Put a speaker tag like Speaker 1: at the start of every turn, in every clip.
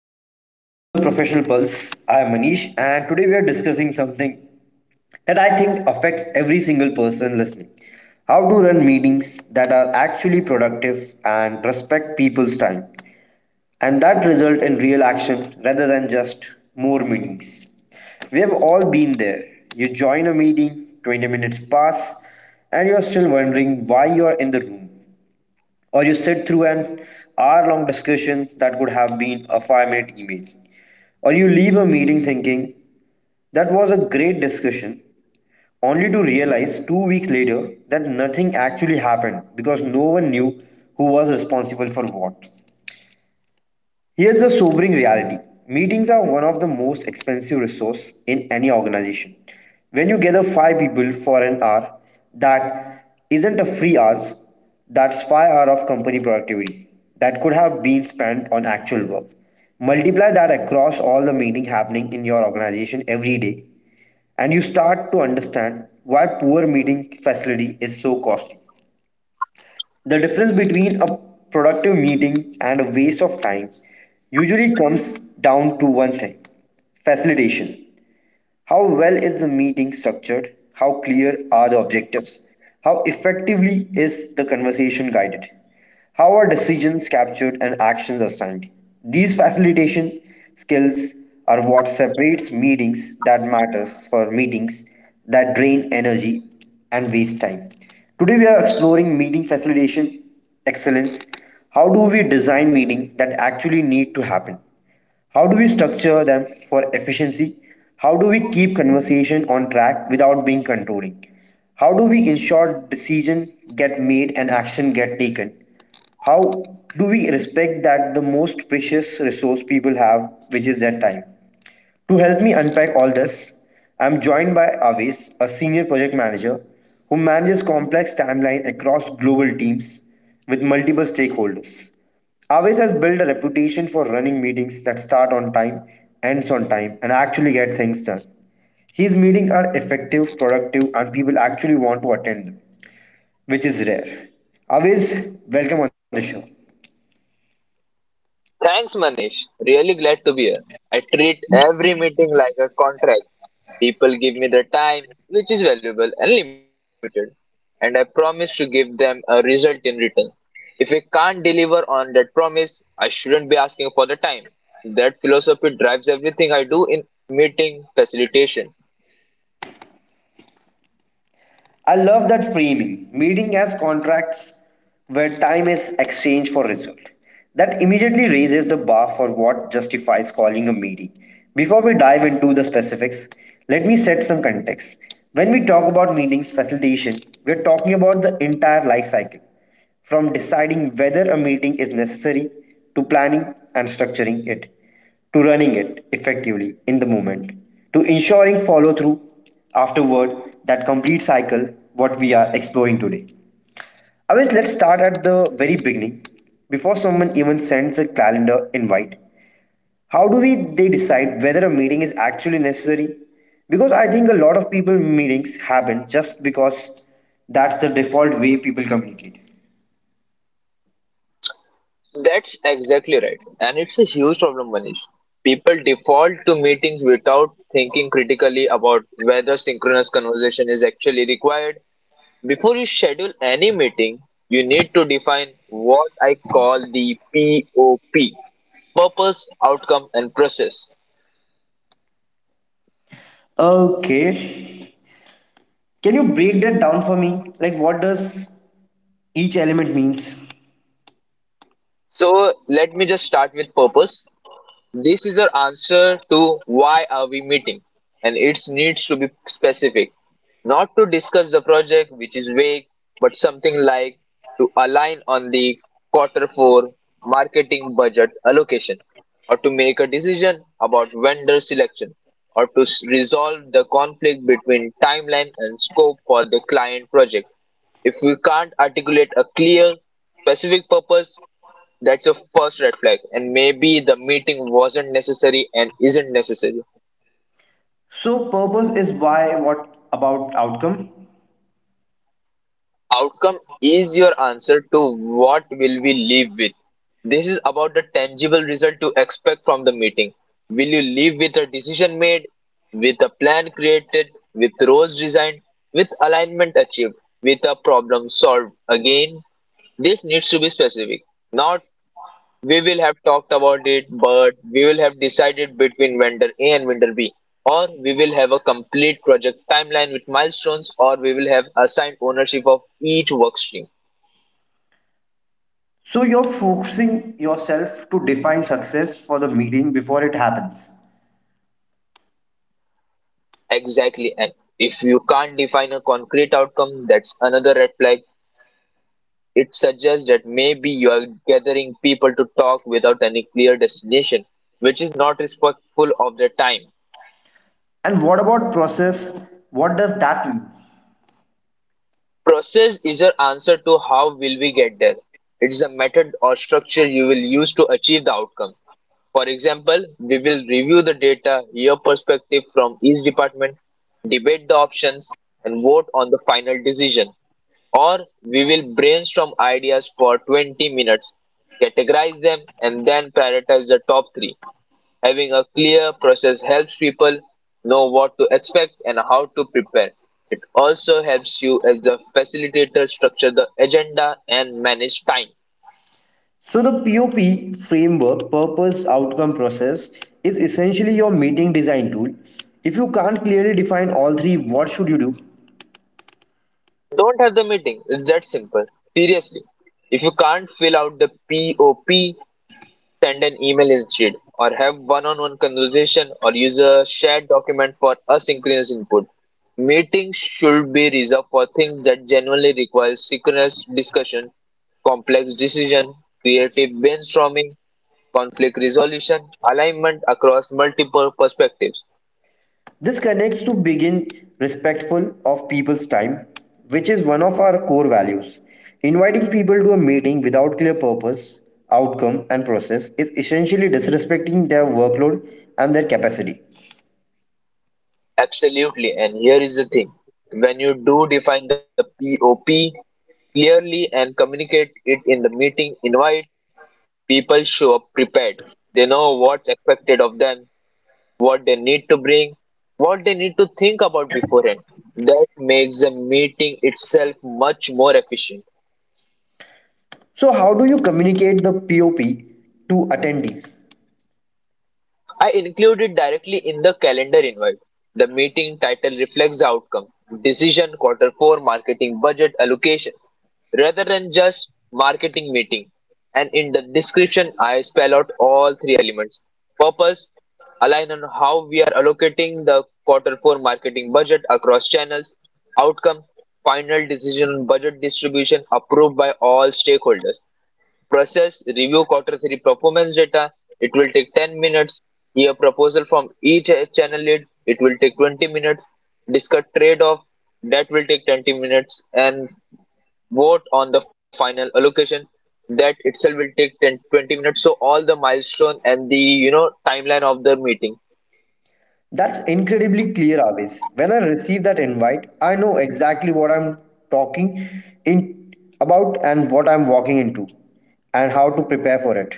Speaker 1: Hello and welcome to the Professional Pulse. I am Manish, and today we are discussing something that I think affects every single person listening: how to run meetings that are actually productive and respect people's time, and that result in real action rather than just more meetings. We have all been there. You join a meeting, 20 minutes pass, and you are still wondering why you are in the room, or you sit through an hour long discussion that could have been a 5 minute email, or you leave a meeting thinking that was a great discussion, only to realize 2 weeks later that nothing actually happened because no one knew who was responsible for what. Here's the sobering reality. Meetings are one of the most expensive resource in any organization. When you gather five people for an hour, that isn't a free hours, that's 5 hour of company productivity that could have been spent on actual work. Multiply that across all the meeting happening in your organization every day and you start to understand why poor meeting facility is so costly. The difference between a productive meeting and a waste of time usually comes down to one thing: facilitation. How well is the meeting structured? How clear are the objectives? How effectively is the conversation guided? How are decisions captured and actions assigned? These facilitation skills are what separates meetings that matters for meetings that drain energy and waste time. Today we are exploring meeting facilitation excellence. How do we design meetings that actually need to happen? How do we structure them for efficiency? How do we keep conversation on track without being controlling? How do we ensure decision get made and action get taken? How do we respect that the most precious resource people have, which is their time? To help me unpack all this, I'm joined by Aves, a senior project manager who manages complex timelines across global teams with multiple stakeholders. Aves has built a reputation for running meetings that start on time, ends on time, and actually get things done. His meetings are effective, productive, and people actually want to attend them, which is rare. Aves, welcome on the show.
Speaker 2: Thanks, Manish. Really glad to be here. I treat every meeting like a contract. People give me their time, which is valuable and limited, and I promise to give them a result in return. If I can't deliver on that promise, I shouldn't be asking for the time. That philosophy drives everything I do in meeting facilitation.
Speaker 1: I love that framing, meeting as contracts where time is exchanged for result. That immediately raises the bar for what justifies calling a meeting. Before we dive into the specifics, let me set some context. When we talk about meetings facilitation, we're talking about the entire life cycle, from deciding whether a meeting is necessary to planning and structuring it, to running it effectively in the moment, to ensuring follow through afterward. That complete cycle what we are exploring today. Always let's start at the very beginning. Before someone even sends a calendar invite, how do we they decide whether a meeting is actually necessary? Because I think a lot of people meetings happen just because that's the default way people communicate.
Speaker 2: That's exactly right. And it's a huge problem, Manish. People default to meetings without thinking critically about whether synchronous conversation is actually required. Before you schedule any meeting, you need to define what I call the POP: purpose, outcome, and process.
Speaker 1: Okay. Can you break that down for me? Like what does each element means?
Speaker 2: So, let me just start with purpose. This is our answer to why are we meeting, and it needs to be specific. Not to discuss the project, which is vague, but something like to align on the quarter 4 marketing budget allocation, or to make a decision about vendor selection, or to resolve the conflict between timeline and scope for the client project. If we can't articulate a clear, specific purpose, that's your first red flag, and maybe the meeting wasn't necessary and isn't necessary.
Speaker 1: So purpose is why. What about outcome?
Speaker 2: Outcome is your answer to what will we leave with. This is about the tangible result to expect from the meeting. Will you leave with a decision made, with a plan created, with roles designed, with alignment achieved, with a problem solved? Again, this needs to be specific, not we will have talked about it, but we will have decided between vendor A and vendor B. Or we will have a complete project timeline with milestones, or we will have assigned ownership of each work stream.
Speaker 1: So you're focusing yourself to define success for the meeting before it happens.
Speaker 2: Exactly. And if you can't define a concrete outcome, that's another red flag. It suggests that maybe you are gathering people to talk without any clear destination, which is not respectful of their time.
Speaker 1: And what about process? What does that mean?
Speaker 2: Process is your answer to how will we get there. It's the method or structure you will use to achieve the outcome. For example, we will review the data, hear perspective from each department, debate the options, and vote on the final decision. Or we will brainstorm ideas for 20 minutes, categorize them, and then prioritize the top three. Having a clear process helps people know what to expect and how to prepare, also helps you as the facilitator structure the agenda and manage time.
Speaker 1: So the POP framework, purpose outcome process, is essentially your meeting design tool. If you can't clearly define all three, what should you do?
Speaker 2: Don't have the meeting. It's that simple. Seriously, if you can't fill out the POP, send an email instead, or have one on one conversation, or use a shared document for asynchronous input. Meetings should be reserved for things that genuinely require synchronous discussion: complex decision, creative brainstorming, conflict resolution, alignment across multiple perspectives.
Speaker 1: This connects to being respectful of people's time, which is one of our core values. Inviting people to a meeting without clear purpose, outcome, and process is essentially disrespecting their workload and their capacity.
Speaker 2: Absolutely, and here is the thing. When you do define the POP clearly and communicate it in the meeting invite, people show up prepared. They know what's expected of them, what they need to bring, what they need to think about beforehand. That makes the meeting itself much more efficient.
Speaker 1: So, how do you communicate the POP to attendees?
Speaker 2: I include it directly in the calendar invite. The meeting title reflects the outcome: decision, quarter four, marketing budget allocation, rather than just marketing meeting. And in the description, I spell out all three elements. Purpose: align on how we are allocating the quarter four marketing budget across channels. Outcome: final decision on budget distribution approved by all stakeholders. Process: review quarter three performance data. It will take 10 minutes. Hear proposal from each channel lead. It will take 20 minutes. Discuss trade off. That will take 20 minutes. And vote on the final allocation. That itself will take 10 to 20 minutes. So all the milestone and the timeline of the meeting.
Speaker 1: That's incredibly clear, always. When I receive that invite, I know exactly what I'm talking in about and what I'm walking into and how to prepare for it.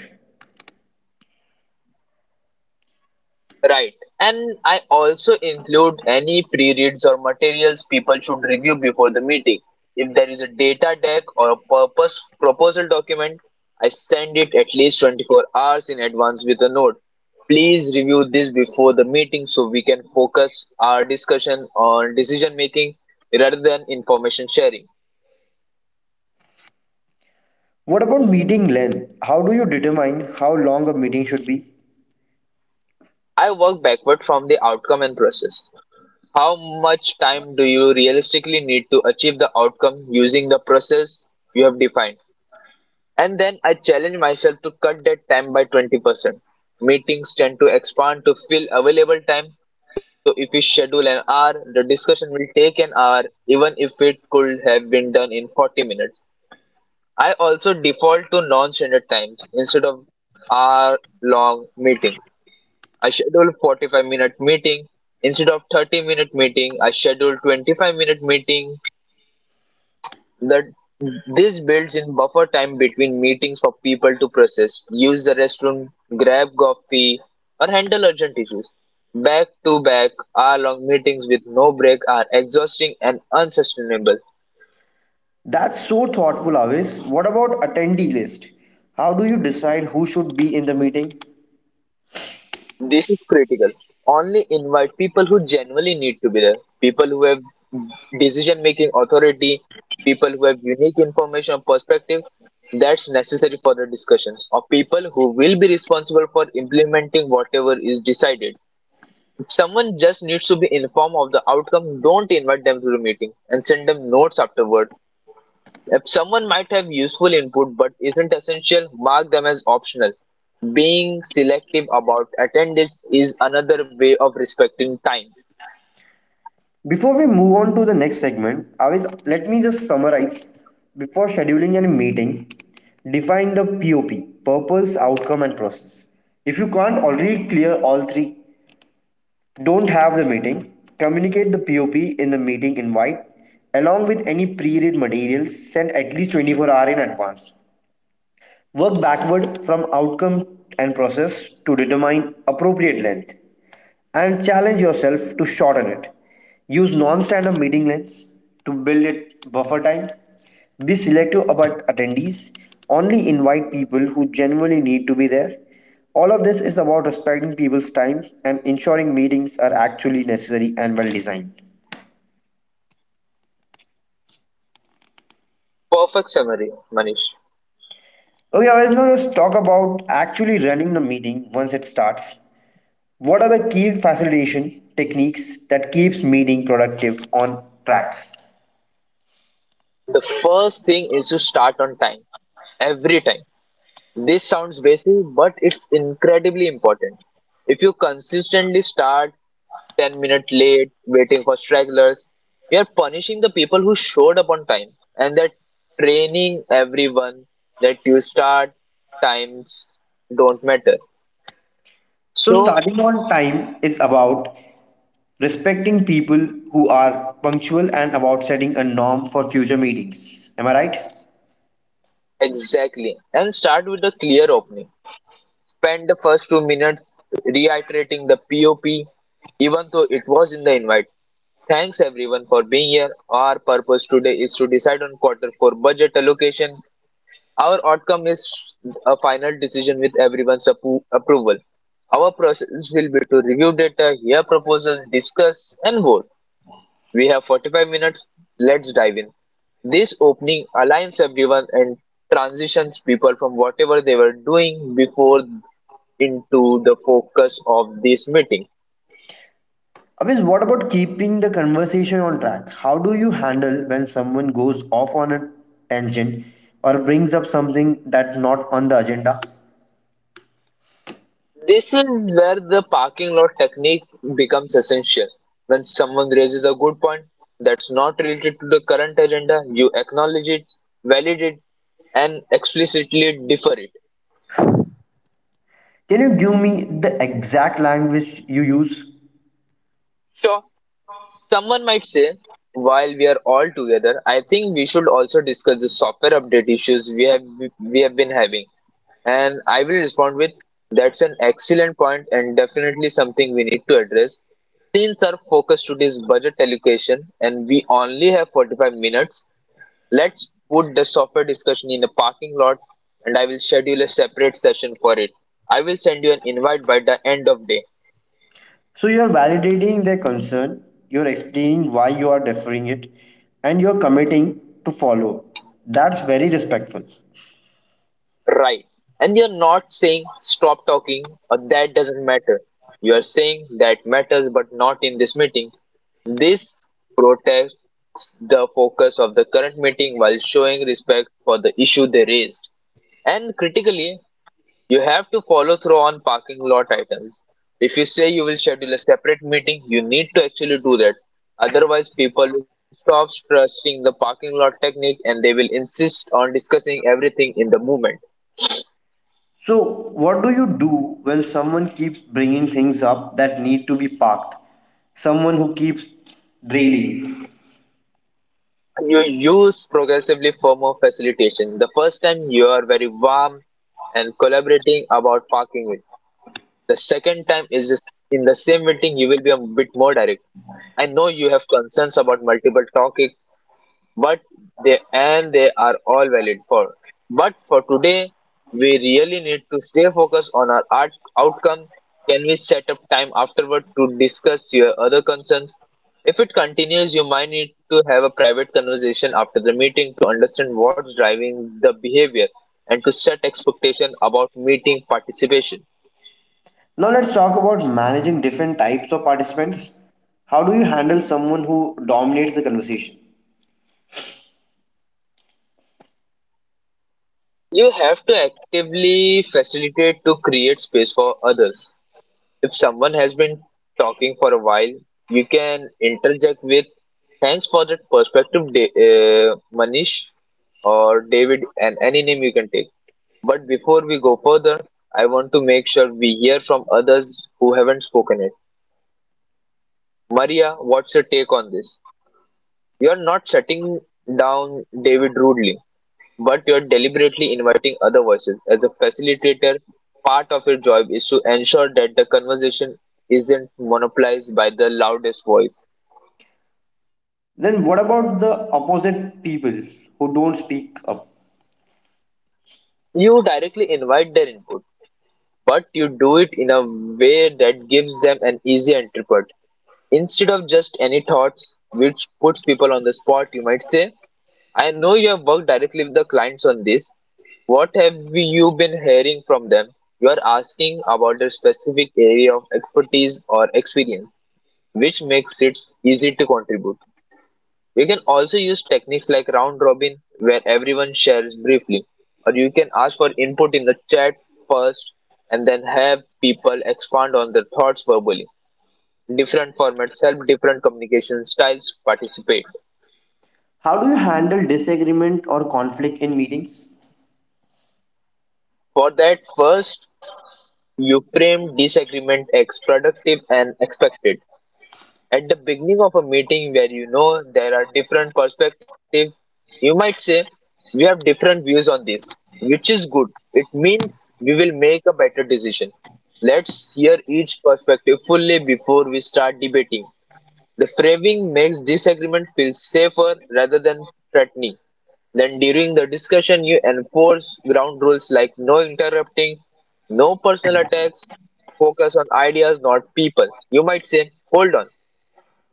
Speaker 2: Right. And I also include any pre-reads or materials people should review before the meeting. If there is a data deck or a purpose proposal document, I send it at least 24 hours in advance with a note. Please review this before the meeting so we can focus our discussion on decision making rather than information sharing.
Speaker 1: What about meeting length? How do you determine how long a meeting should be?
Speaker 2: I work backward from the outcome and process. How much time do you realistically need to achieve the outcome using the process you have defined? And then I challenge myself to cut that time by 20%. Meetings tend to expand to fill available time. So if you schedule an hour, the discussion will take an hour, even if it could have been done in 40 minutes. I also default to non-standard times instead of hour-long meetings. I scheduled 45-minute meeting instead of 30-minute meeting. I scheduled 25-minute meeting. That This builds in buffer time between meetings for people to process, use the restroom, grab coffee, or handle urgent issues. Back to back hour long meetings with no break are exhausting and unsustainable.
Speaker 1: That's so thoughtful, Avis. What about attendee list? How do you decide who should be in the meeting?
Speaker 2: This is critical. Only invite people who genuinely need to be there. People who have decision making authority, people who have unique information or perspective that's necessary for the discussions, or people who will be responsible for implementing whatever is decided. If someone just needs to be informed of the outcome, don't invite them to the meeting and send them notes afterward. If someone might have useful input but isn't essential, mark them as optional. Being selective about attendance is another way of respecting time.
Speaker 1: Before we move on to the next segment, Avis, let me just summarize. Before scheduling any meeting, define the POP, purpose, outcome, and process. If you can't already clear all three, don't have the meeting. Communicate the POP in the meeting invite, along with any pre read materials. Send at least 24 hours in advance. Work backward from outcome and process to determine appropriate length and challenge yourself to shorten it. Use non-standard meeting lengths to build it buffer time. Be selective about attendees. Only invite people who genuinely need to be there. All of this is about respecting people's time and ensuring meetings are actually necessary and well designed.
Speaker 2: Perfect summary, Manish.
Speaker 1: Okay, guys, now let's talk about actually running the meeting once it starts. What are the key facilitation techniques that keeps meeting productive on track?
Speaker 2: The first thing is to start on time, every time. This sounds basic, but it's incredibly important. If you consistently start 10 minutes late, waiting for stragglers, you're punishing the people who showed up on time, and they're training everyone that you start times don't matter.
Speaker 1: So
Speaker 2: So,
Speaker 1: starting on time is about respecting people who are punctual and about setting a norm for future meetings. Am I right?
Speaker 2: exactly. And start with a clear opening. Spend the first 2 minutes reiterating the POP, even though it was in the invite. Thanks everyone for being here. Our purpose today is to decide on quarter four budget allocation. Our outcome is a final decision with everyone's approval. Our process will be to review data, hear proposals, discuss, and vote. We have 45 minutes. Let's dive in. This opening aligns everyone and transitions people from whatever they were doing before into the focus of this meeting.
Speaker 1: Avis, what about keeping the conversation on track? How do you handle when someone goes off on a tangent or brings up something that's not on the agenda?
Speaker 2: This is where the parking lot technique becomes essential. When someone raises a good point that's not related to the current agenda, you acknowledge it, validate it, and explicitly defer it.
Speaker 1: Can you give me the exact language you use?
Speaker 2: Sure. Someone might say, while we are all together, I think we should also discuss the software update issues we have been having. And I will respond with, that's an excellent point and definitely something we need to address. Since our focus today is budget allocation and we only have 45 minutes, let's put the software discussion in the parking lot, and I will schedule a separate session for it. I will send you an invite by the end of day.
Speaker 1: So you're validating their concern, you're explaining why you are deferring it, and you're committing to follow. That's very respectful.
Speaker 2: Right. And you're not saying stop talking or that doesn't matter. You are saying that matters but not in this meeting. This protects the focus of the current meeting while showing respect for the issue they raised. And critically, you have to follow through on parking lot items. If you say you will schedule a separate meeting, you need to actually do that. Otherwise, people will stop trusting the parking lot technique, and they will insist on discussing everything in the movement.
Speaker 1: So, what do you do when someone keeps bringing things up that need to be parked? Someone who keeps drailing.
Speaker 2: You use progressively for more facilitation. The first time you are very warm and collaborating about parking it. The second time is just in the same meeting you will be a bit more direct. I know you have concerns about multiple topic, but they are all valid for. But for today, we really need to stay focused on our art outcome. Can we set up time afterward to discuss your other concerns? If it continues, you might need to have a private conversation after the meeting to understand what's driving the behavior and to set expectation about meeting participation.
Speaker 1: Now, let's talk about managing different types of participants. How do you handle someone who dominates the conversation?
Speaker 2: You have to actively facilitate to create space for others. If someone has been talking for a while, you can interject with thanks for that perspective, Manish or David, and any name you can take. But before we go further, I want to make sure we hear from others who haven't spoken yet. Maria, what's your take on this? You're not shutting down David rudely, but you're deliberately inviting other voices. As a facilitator, part of your job is to ensure that the conversation isn't monopolized by the loudest voice.
Speaker 1: Then, what about the opposite people who don't speak up?
Speaker 2: You directly invite their input, but you do it in a way that gives them an easy entry point. Instead of just any thoughts, which puts people on the spot, you might say, I know you have worked directly with the clients on this. What have you been hearing from them? You are asking about their specific area of expertise or experience, which makes it easy to contribute. You can also use techniques like round robin, where everyone shares briefly, or you can ask for input in the chat first and then have people expand on their thoughts verbally. Different formats help different communication styles participate.
Speaker 1: How do you handle disagreement or conflict in meetings?
Speaker 2: For that, first, you frame disagreement as productive and expected. At the beginning of a meeting where you know there are different perspectives, you might say, "We have different views on this, which is good. It means we will make a better decision. Let's hear each perspective fully before we start debating." The framing makes disagreement feel safer rather than threatening. Then during the discussion, you enforce ground rules like no interrupting, no personal attacks, focus on ideas, not people. You might say, "Hold on,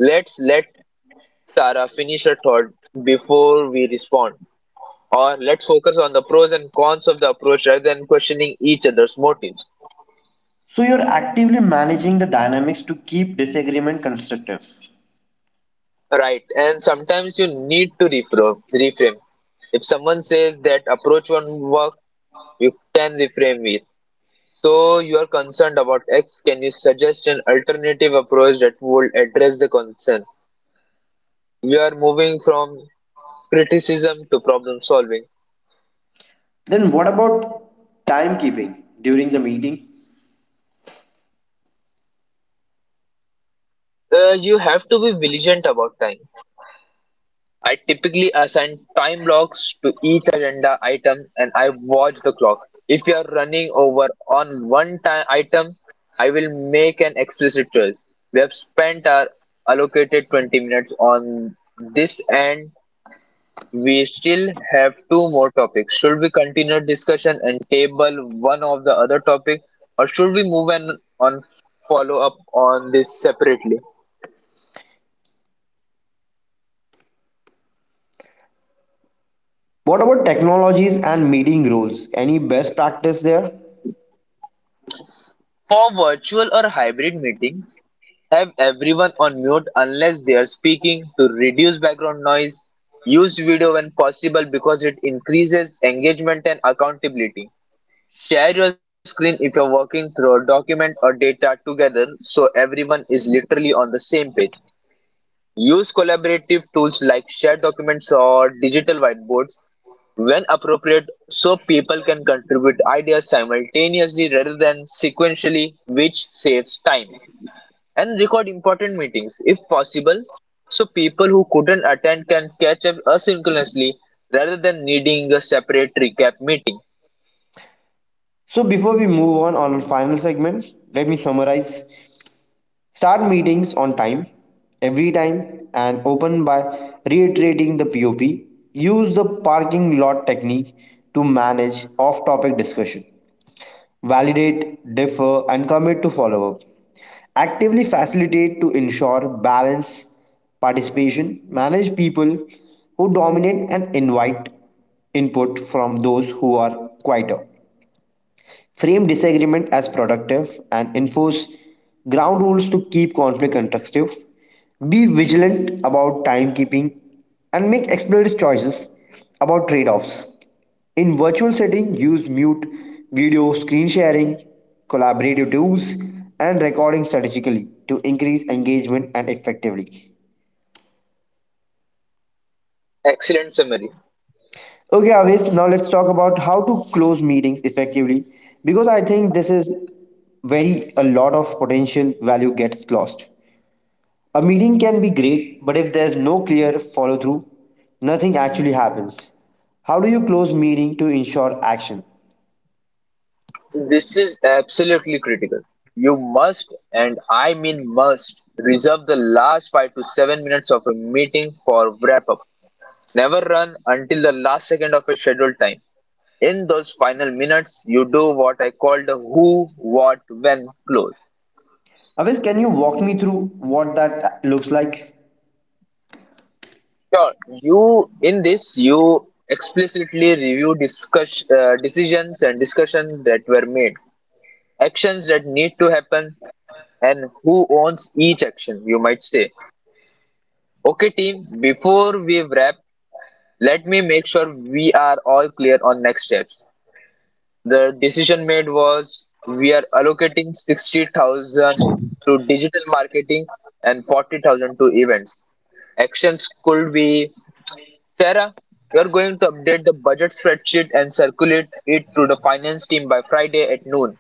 Speaker 2: let's let Sarah finish her thought before we respond." Or, "Let's focus on the pros and cons of the approach rather than questioning each other's motives."
Speaker 1: So, you're actively managing the dynamics to keep disagreement constructive.
Speaker 2: Right, and sometimes you need to reframe. If someone says that approach won't work, you can reframe it. "So you are concerned about X, can you suggest an alternative approach that would address the concern?" You are moving from criticism to problem solving.
Speaker 1: Then, what about timekeeping during the meeting?
Speaker 2: You have to be vigilant about time. I typically assign time blocks to each agenda item and I watch the clock. If you are running over on one time item, I will make an explicit choice. "We have spent our allocated 20 minutes on this and we still have two more topics. Should we continue discussion and table one of the other topic or should we move on, follow up on this separately?"
Speaker 1: What about technologies and meeting rules? Any best practice there?
Speaker 2: For virtual or hybrid meeting, have everyone on mute unless they are speaking to reduce background noise. Use video when possible because it increases engagement and accountability. Share your screen if you're working through a document or data together so everyone is literally on the same page. Use collaborative tools like shared documents or digital whiteboards when appropriate so people can contribute ideas simultaneously rather than sequentially, which saves time. And record important meetings if possible so people who couldn't attend can catch up asynchronously rather than needing a separate recap meeting.
Speaker 1: So before we move on our final segment, let me summarize. Start meetings on time, every time, and open by reiterating the POP. Use the parking lot technique to manage off-topic discussion. Validate, defer, and commit to follow up. Actively facilitate to ensure balance, participation, manage people who dominate, and invite input from those who are quieter. Frame disagreement as productive, and enforce ground rules to keep conflict constructive. Be vigilant about timekeeping and make explorative choices about trade offs. In virtual setting, use mute, video, screen sharing, collaborative tools, and recording strategically to increase engagement and effectively.
Speaker 2: Excellent summary.
Speaker 1: Okay, Avis, now let's talk about how to close meetings effectively, because I think this is very a lot of potential value gets lost. A meeting can be great, but if there's no clear follow through, nothing actually happens. How do you close meeting to ensure action?
Speaker 2: This is absolutely critical. You must, and I mean must, reserve the last 5 to 7 minutes of a meeting for wrap up. Never run until the last second of a scheduled time. In those final minutes, you do what I call the who, what, when close.
Speaker 1: Avis, can you walk me through what that looks like?
Speaker 2: Sure, you in this you explicitly review discuss, decisions and discussions that were made, actions that need to happen, and who owns each action. You might say, "Okay, team, before we wrap, let me make sure we are all clear on next steps. The decision made was we are allocating 60,000 to digital marketing and 40,000 to events. Actions could be Sarah, you're going to update the budget spreadsheet and circulate it to the finance team by Friday at noon.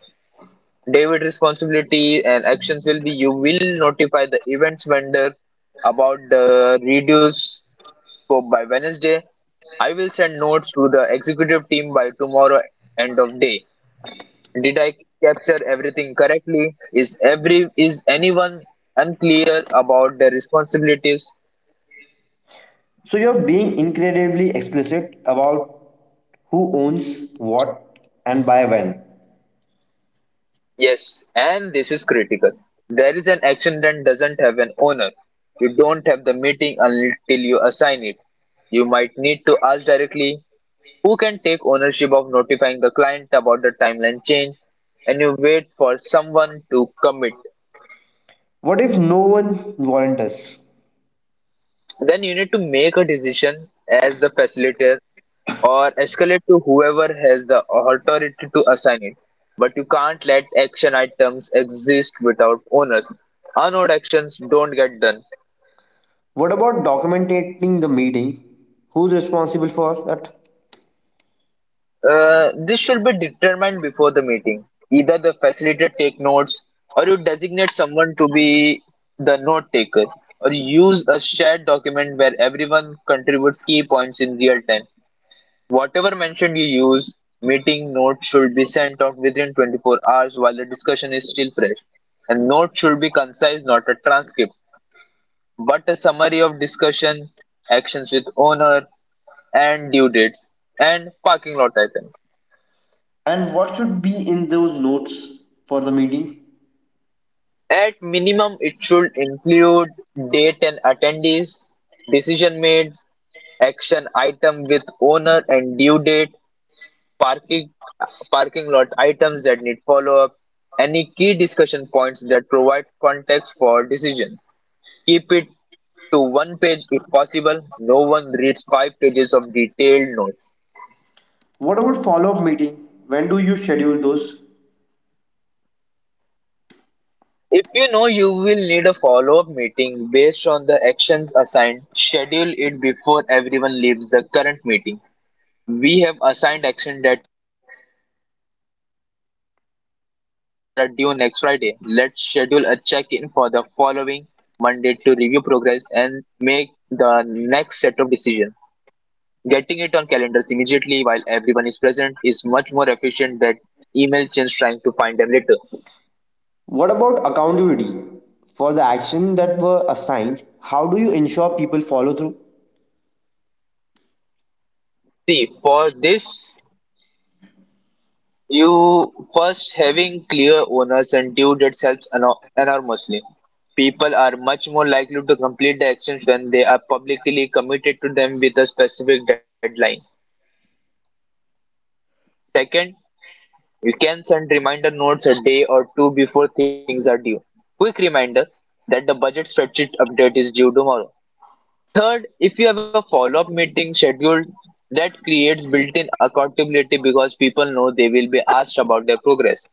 Speaker 2: David, responsibility and actions will be you will notify the events vendor about the reduce scope by Wednesday. I will send notes to the executive team by tomorrow end of day. Did I capture everything correctly? Is anyone unclear about their responsibilities?"
Speaker 1: So you're being incredibly explicit about who owns what and by when.
Speaker 2: Yes, and this is critical. There is an action that doesn't have an owner. You don't have the meeting until you assign it. You might need to ask directly who can take ownership of notifying the client about the timeline change, and you wait for someone to commit.
Speaker 1: What if no one volunteers?
Speaker 2: Then you need to make a decision as the facilitator or escalate to whoever has the authority to assign it. But you can't let action items exist without owners. Unowned actions don't get done.
Speaker 1: What about documenting the meeting? Who's responsible for that?
Speaker 2: This should be determined before the meeting. Either the facilitator take notes, or you designate someone to be the note taker, or use a shared document where everyone contributes key points in real time. Whatever mention you use, meeting notes should be sent out within 24 hours while the discussion is still fresh. And note should be concise, not a transcript, but a summary of discussion, actions with owner, and due dates, and parking lot item.
Speaker 1: And what should be in those notes for the meeting?
Speaker 2: At minimum, it should include date and attendees, decision made, action item with owner and due date, parking parking lot items that need follow up, any key discussion points that provide context for decisions. Keep it to one page if possible. No one reads five pages of detailed notes.
Speaker 1: What about follow up meeting? When do you schedule those?
Speaker 2: If you know you will need a follow up meeting based on the actions assigned, schedule it before everyone leaves the current meeting. "We have assigned actions that are due next Friday. Let's schedule a check-in for the following Monday to review progress and make the next set of decisions." Getting it on calendars immediately while everyone is present is much more efficient than email chains trying to find them later.
Speaker 1: What about accountability for the action that were assigned? How do you ensure people follow through?
Speaker 2: See, for this, you first having clear owners and due dates helps enormously. People are much more likely to complete the actions when they are publicly committed to them with a specific deadline. Second, you can send reminder notes a day or two before things are due. "Quick reminder that the budget spreadsheet update is due tomorrow." Third, if you have a follow-up meeting scheduled, that creates built-in accountability because people know they will be asked about their progress.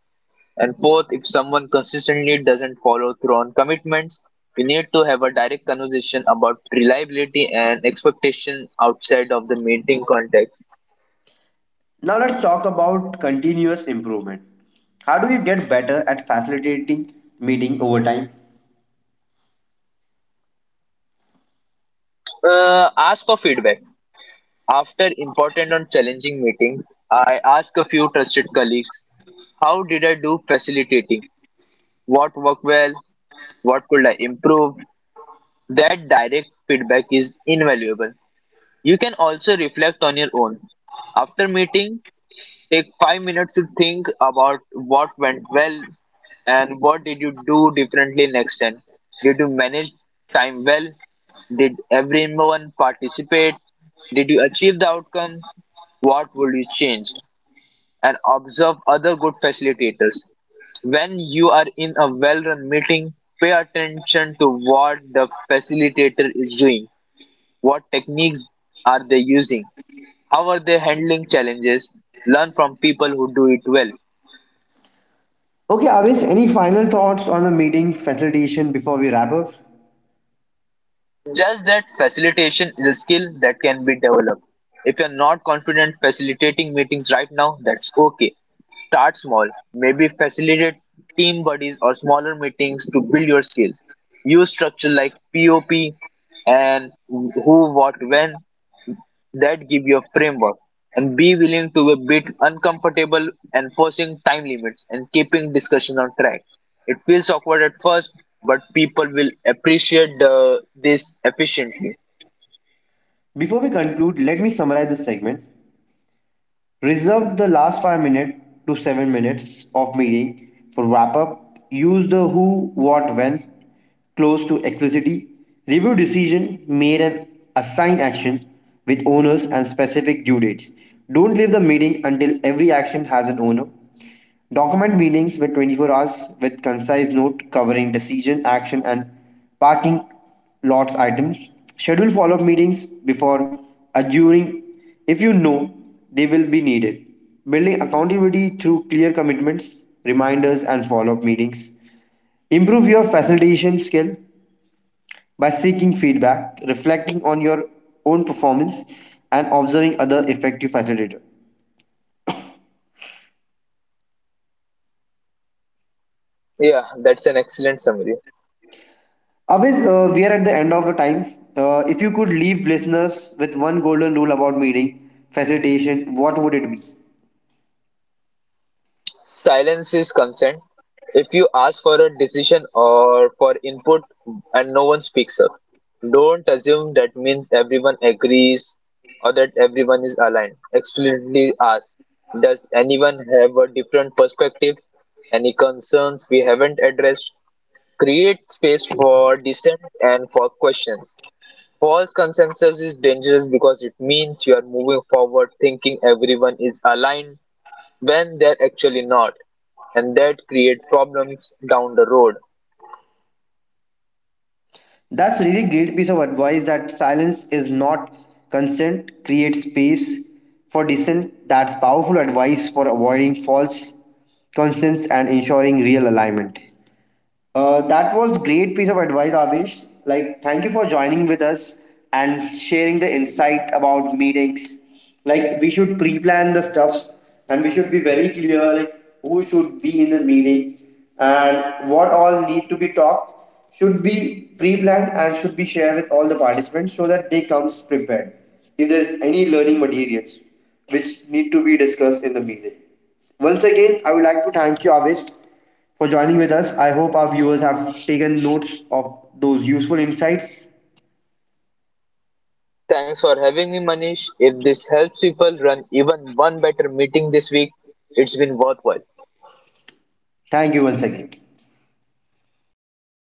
Speaker 2: And fourth, if someone consistently doesn't follow through on commitments, you need to have a direct conversation about reliability and expectation outside of the meeting context.
Speaker 1: Now let's talk about continuous improvement. How do you get better at facilitating meeting over time?
Speaker 2: Ask for feedback. After important and challenging meetings, I ask a few trusted colleagues, "How did I do facilitating? What worked well? What could I improve?" That direct feedback is invaluable. You can also reflect on your own. After meetings, take 5 minutes to think about what went well and what did you do differently next time. Did you manage time well? Did everyone participate? Did you achieve the outcome? What would you change? And observe other good facilitators. When you are in a well run meeting, pay attention to what the facilitator is doing. What techniques are they using? How are they handling challenges? Learn from people who do it well.
Speaker 1: Okay, Avis, any final thoughts on the meeting facilitation before we wrap up?
Speaker 2: Just that facilitation is a skill that can be developed. If you're not confident facilitating meetings right now, that's okay. Start small. Maybe facilitate team buddies or smaller meetings to build your skills. Use structure like POP and who, what, when that give you a framework, and be willing to be a bit uncomfortable enforcing time limits and keeping discussion on track. It feels awkward at first, but people will appreciate this efficiently.
Speaker 1: Before we conclude, let me summarize this segment. Reserve the last 5 minutes to 7 minutes of meeting for wrap up. Use the who, what, when close to explicitly review decision made and assign action with owners and specific due dates. Don't leave the meeting until every action has an owner. Document meetings were 24 hours with concise note covering decision, action, and parting lots items. Schedule follow up meetings before adjourning if you know they will be needed. Building accountability through clear commitments, reminders, and follow up meetings. Improve your facilitation skill by seeking feedback, reflecting on your own performance, and observing other effective facilitators.
Speaker 2: Yeah, that's an excellent summary.
Speaker 1: Aviz, we are at the end of the time. If you could leave listeners with one golden rule about meeting facilitation, what would it be?
Speaker 2: Silence is consent. If you ask for a decision or for input and no one speaks up, don't assume that means everyone agrees or that everyone is aligned. Explicitly ask, "Does anyone have a different perspective? Any concerns we haven't addressed?" Create space for dissent and for questions. False consensus is dangerous because it means you are moving forward thinking everyone is aligned when they're actually not, and that create problems down the road.
Speaker 1: That's really great piece of advice, that silence is not consent, create space for dissent. That's powerful advice for avoiding false constants and ensuring real alignment. That was great piece of advice, Avish. Like, thank you for joining with us and sharing the insight about meetings. Like, we should pre-plan the stuffs and we should be very clear, like, who should be in the meeting and what all need to be talked should be pre-planned and should be shared with all the participants so that they comes prepared. If there's any learning materials which need to be discussed in the meeting. Once again, I would like to thank you, Avish, for joining with us. I hope our viewers have taken notes of those useful insights.
Speaker 2: Thanks for having me, Manish. If this helps people run even one better meeting this week, it's been worthwhile.
Speaker 1: Thank you once again.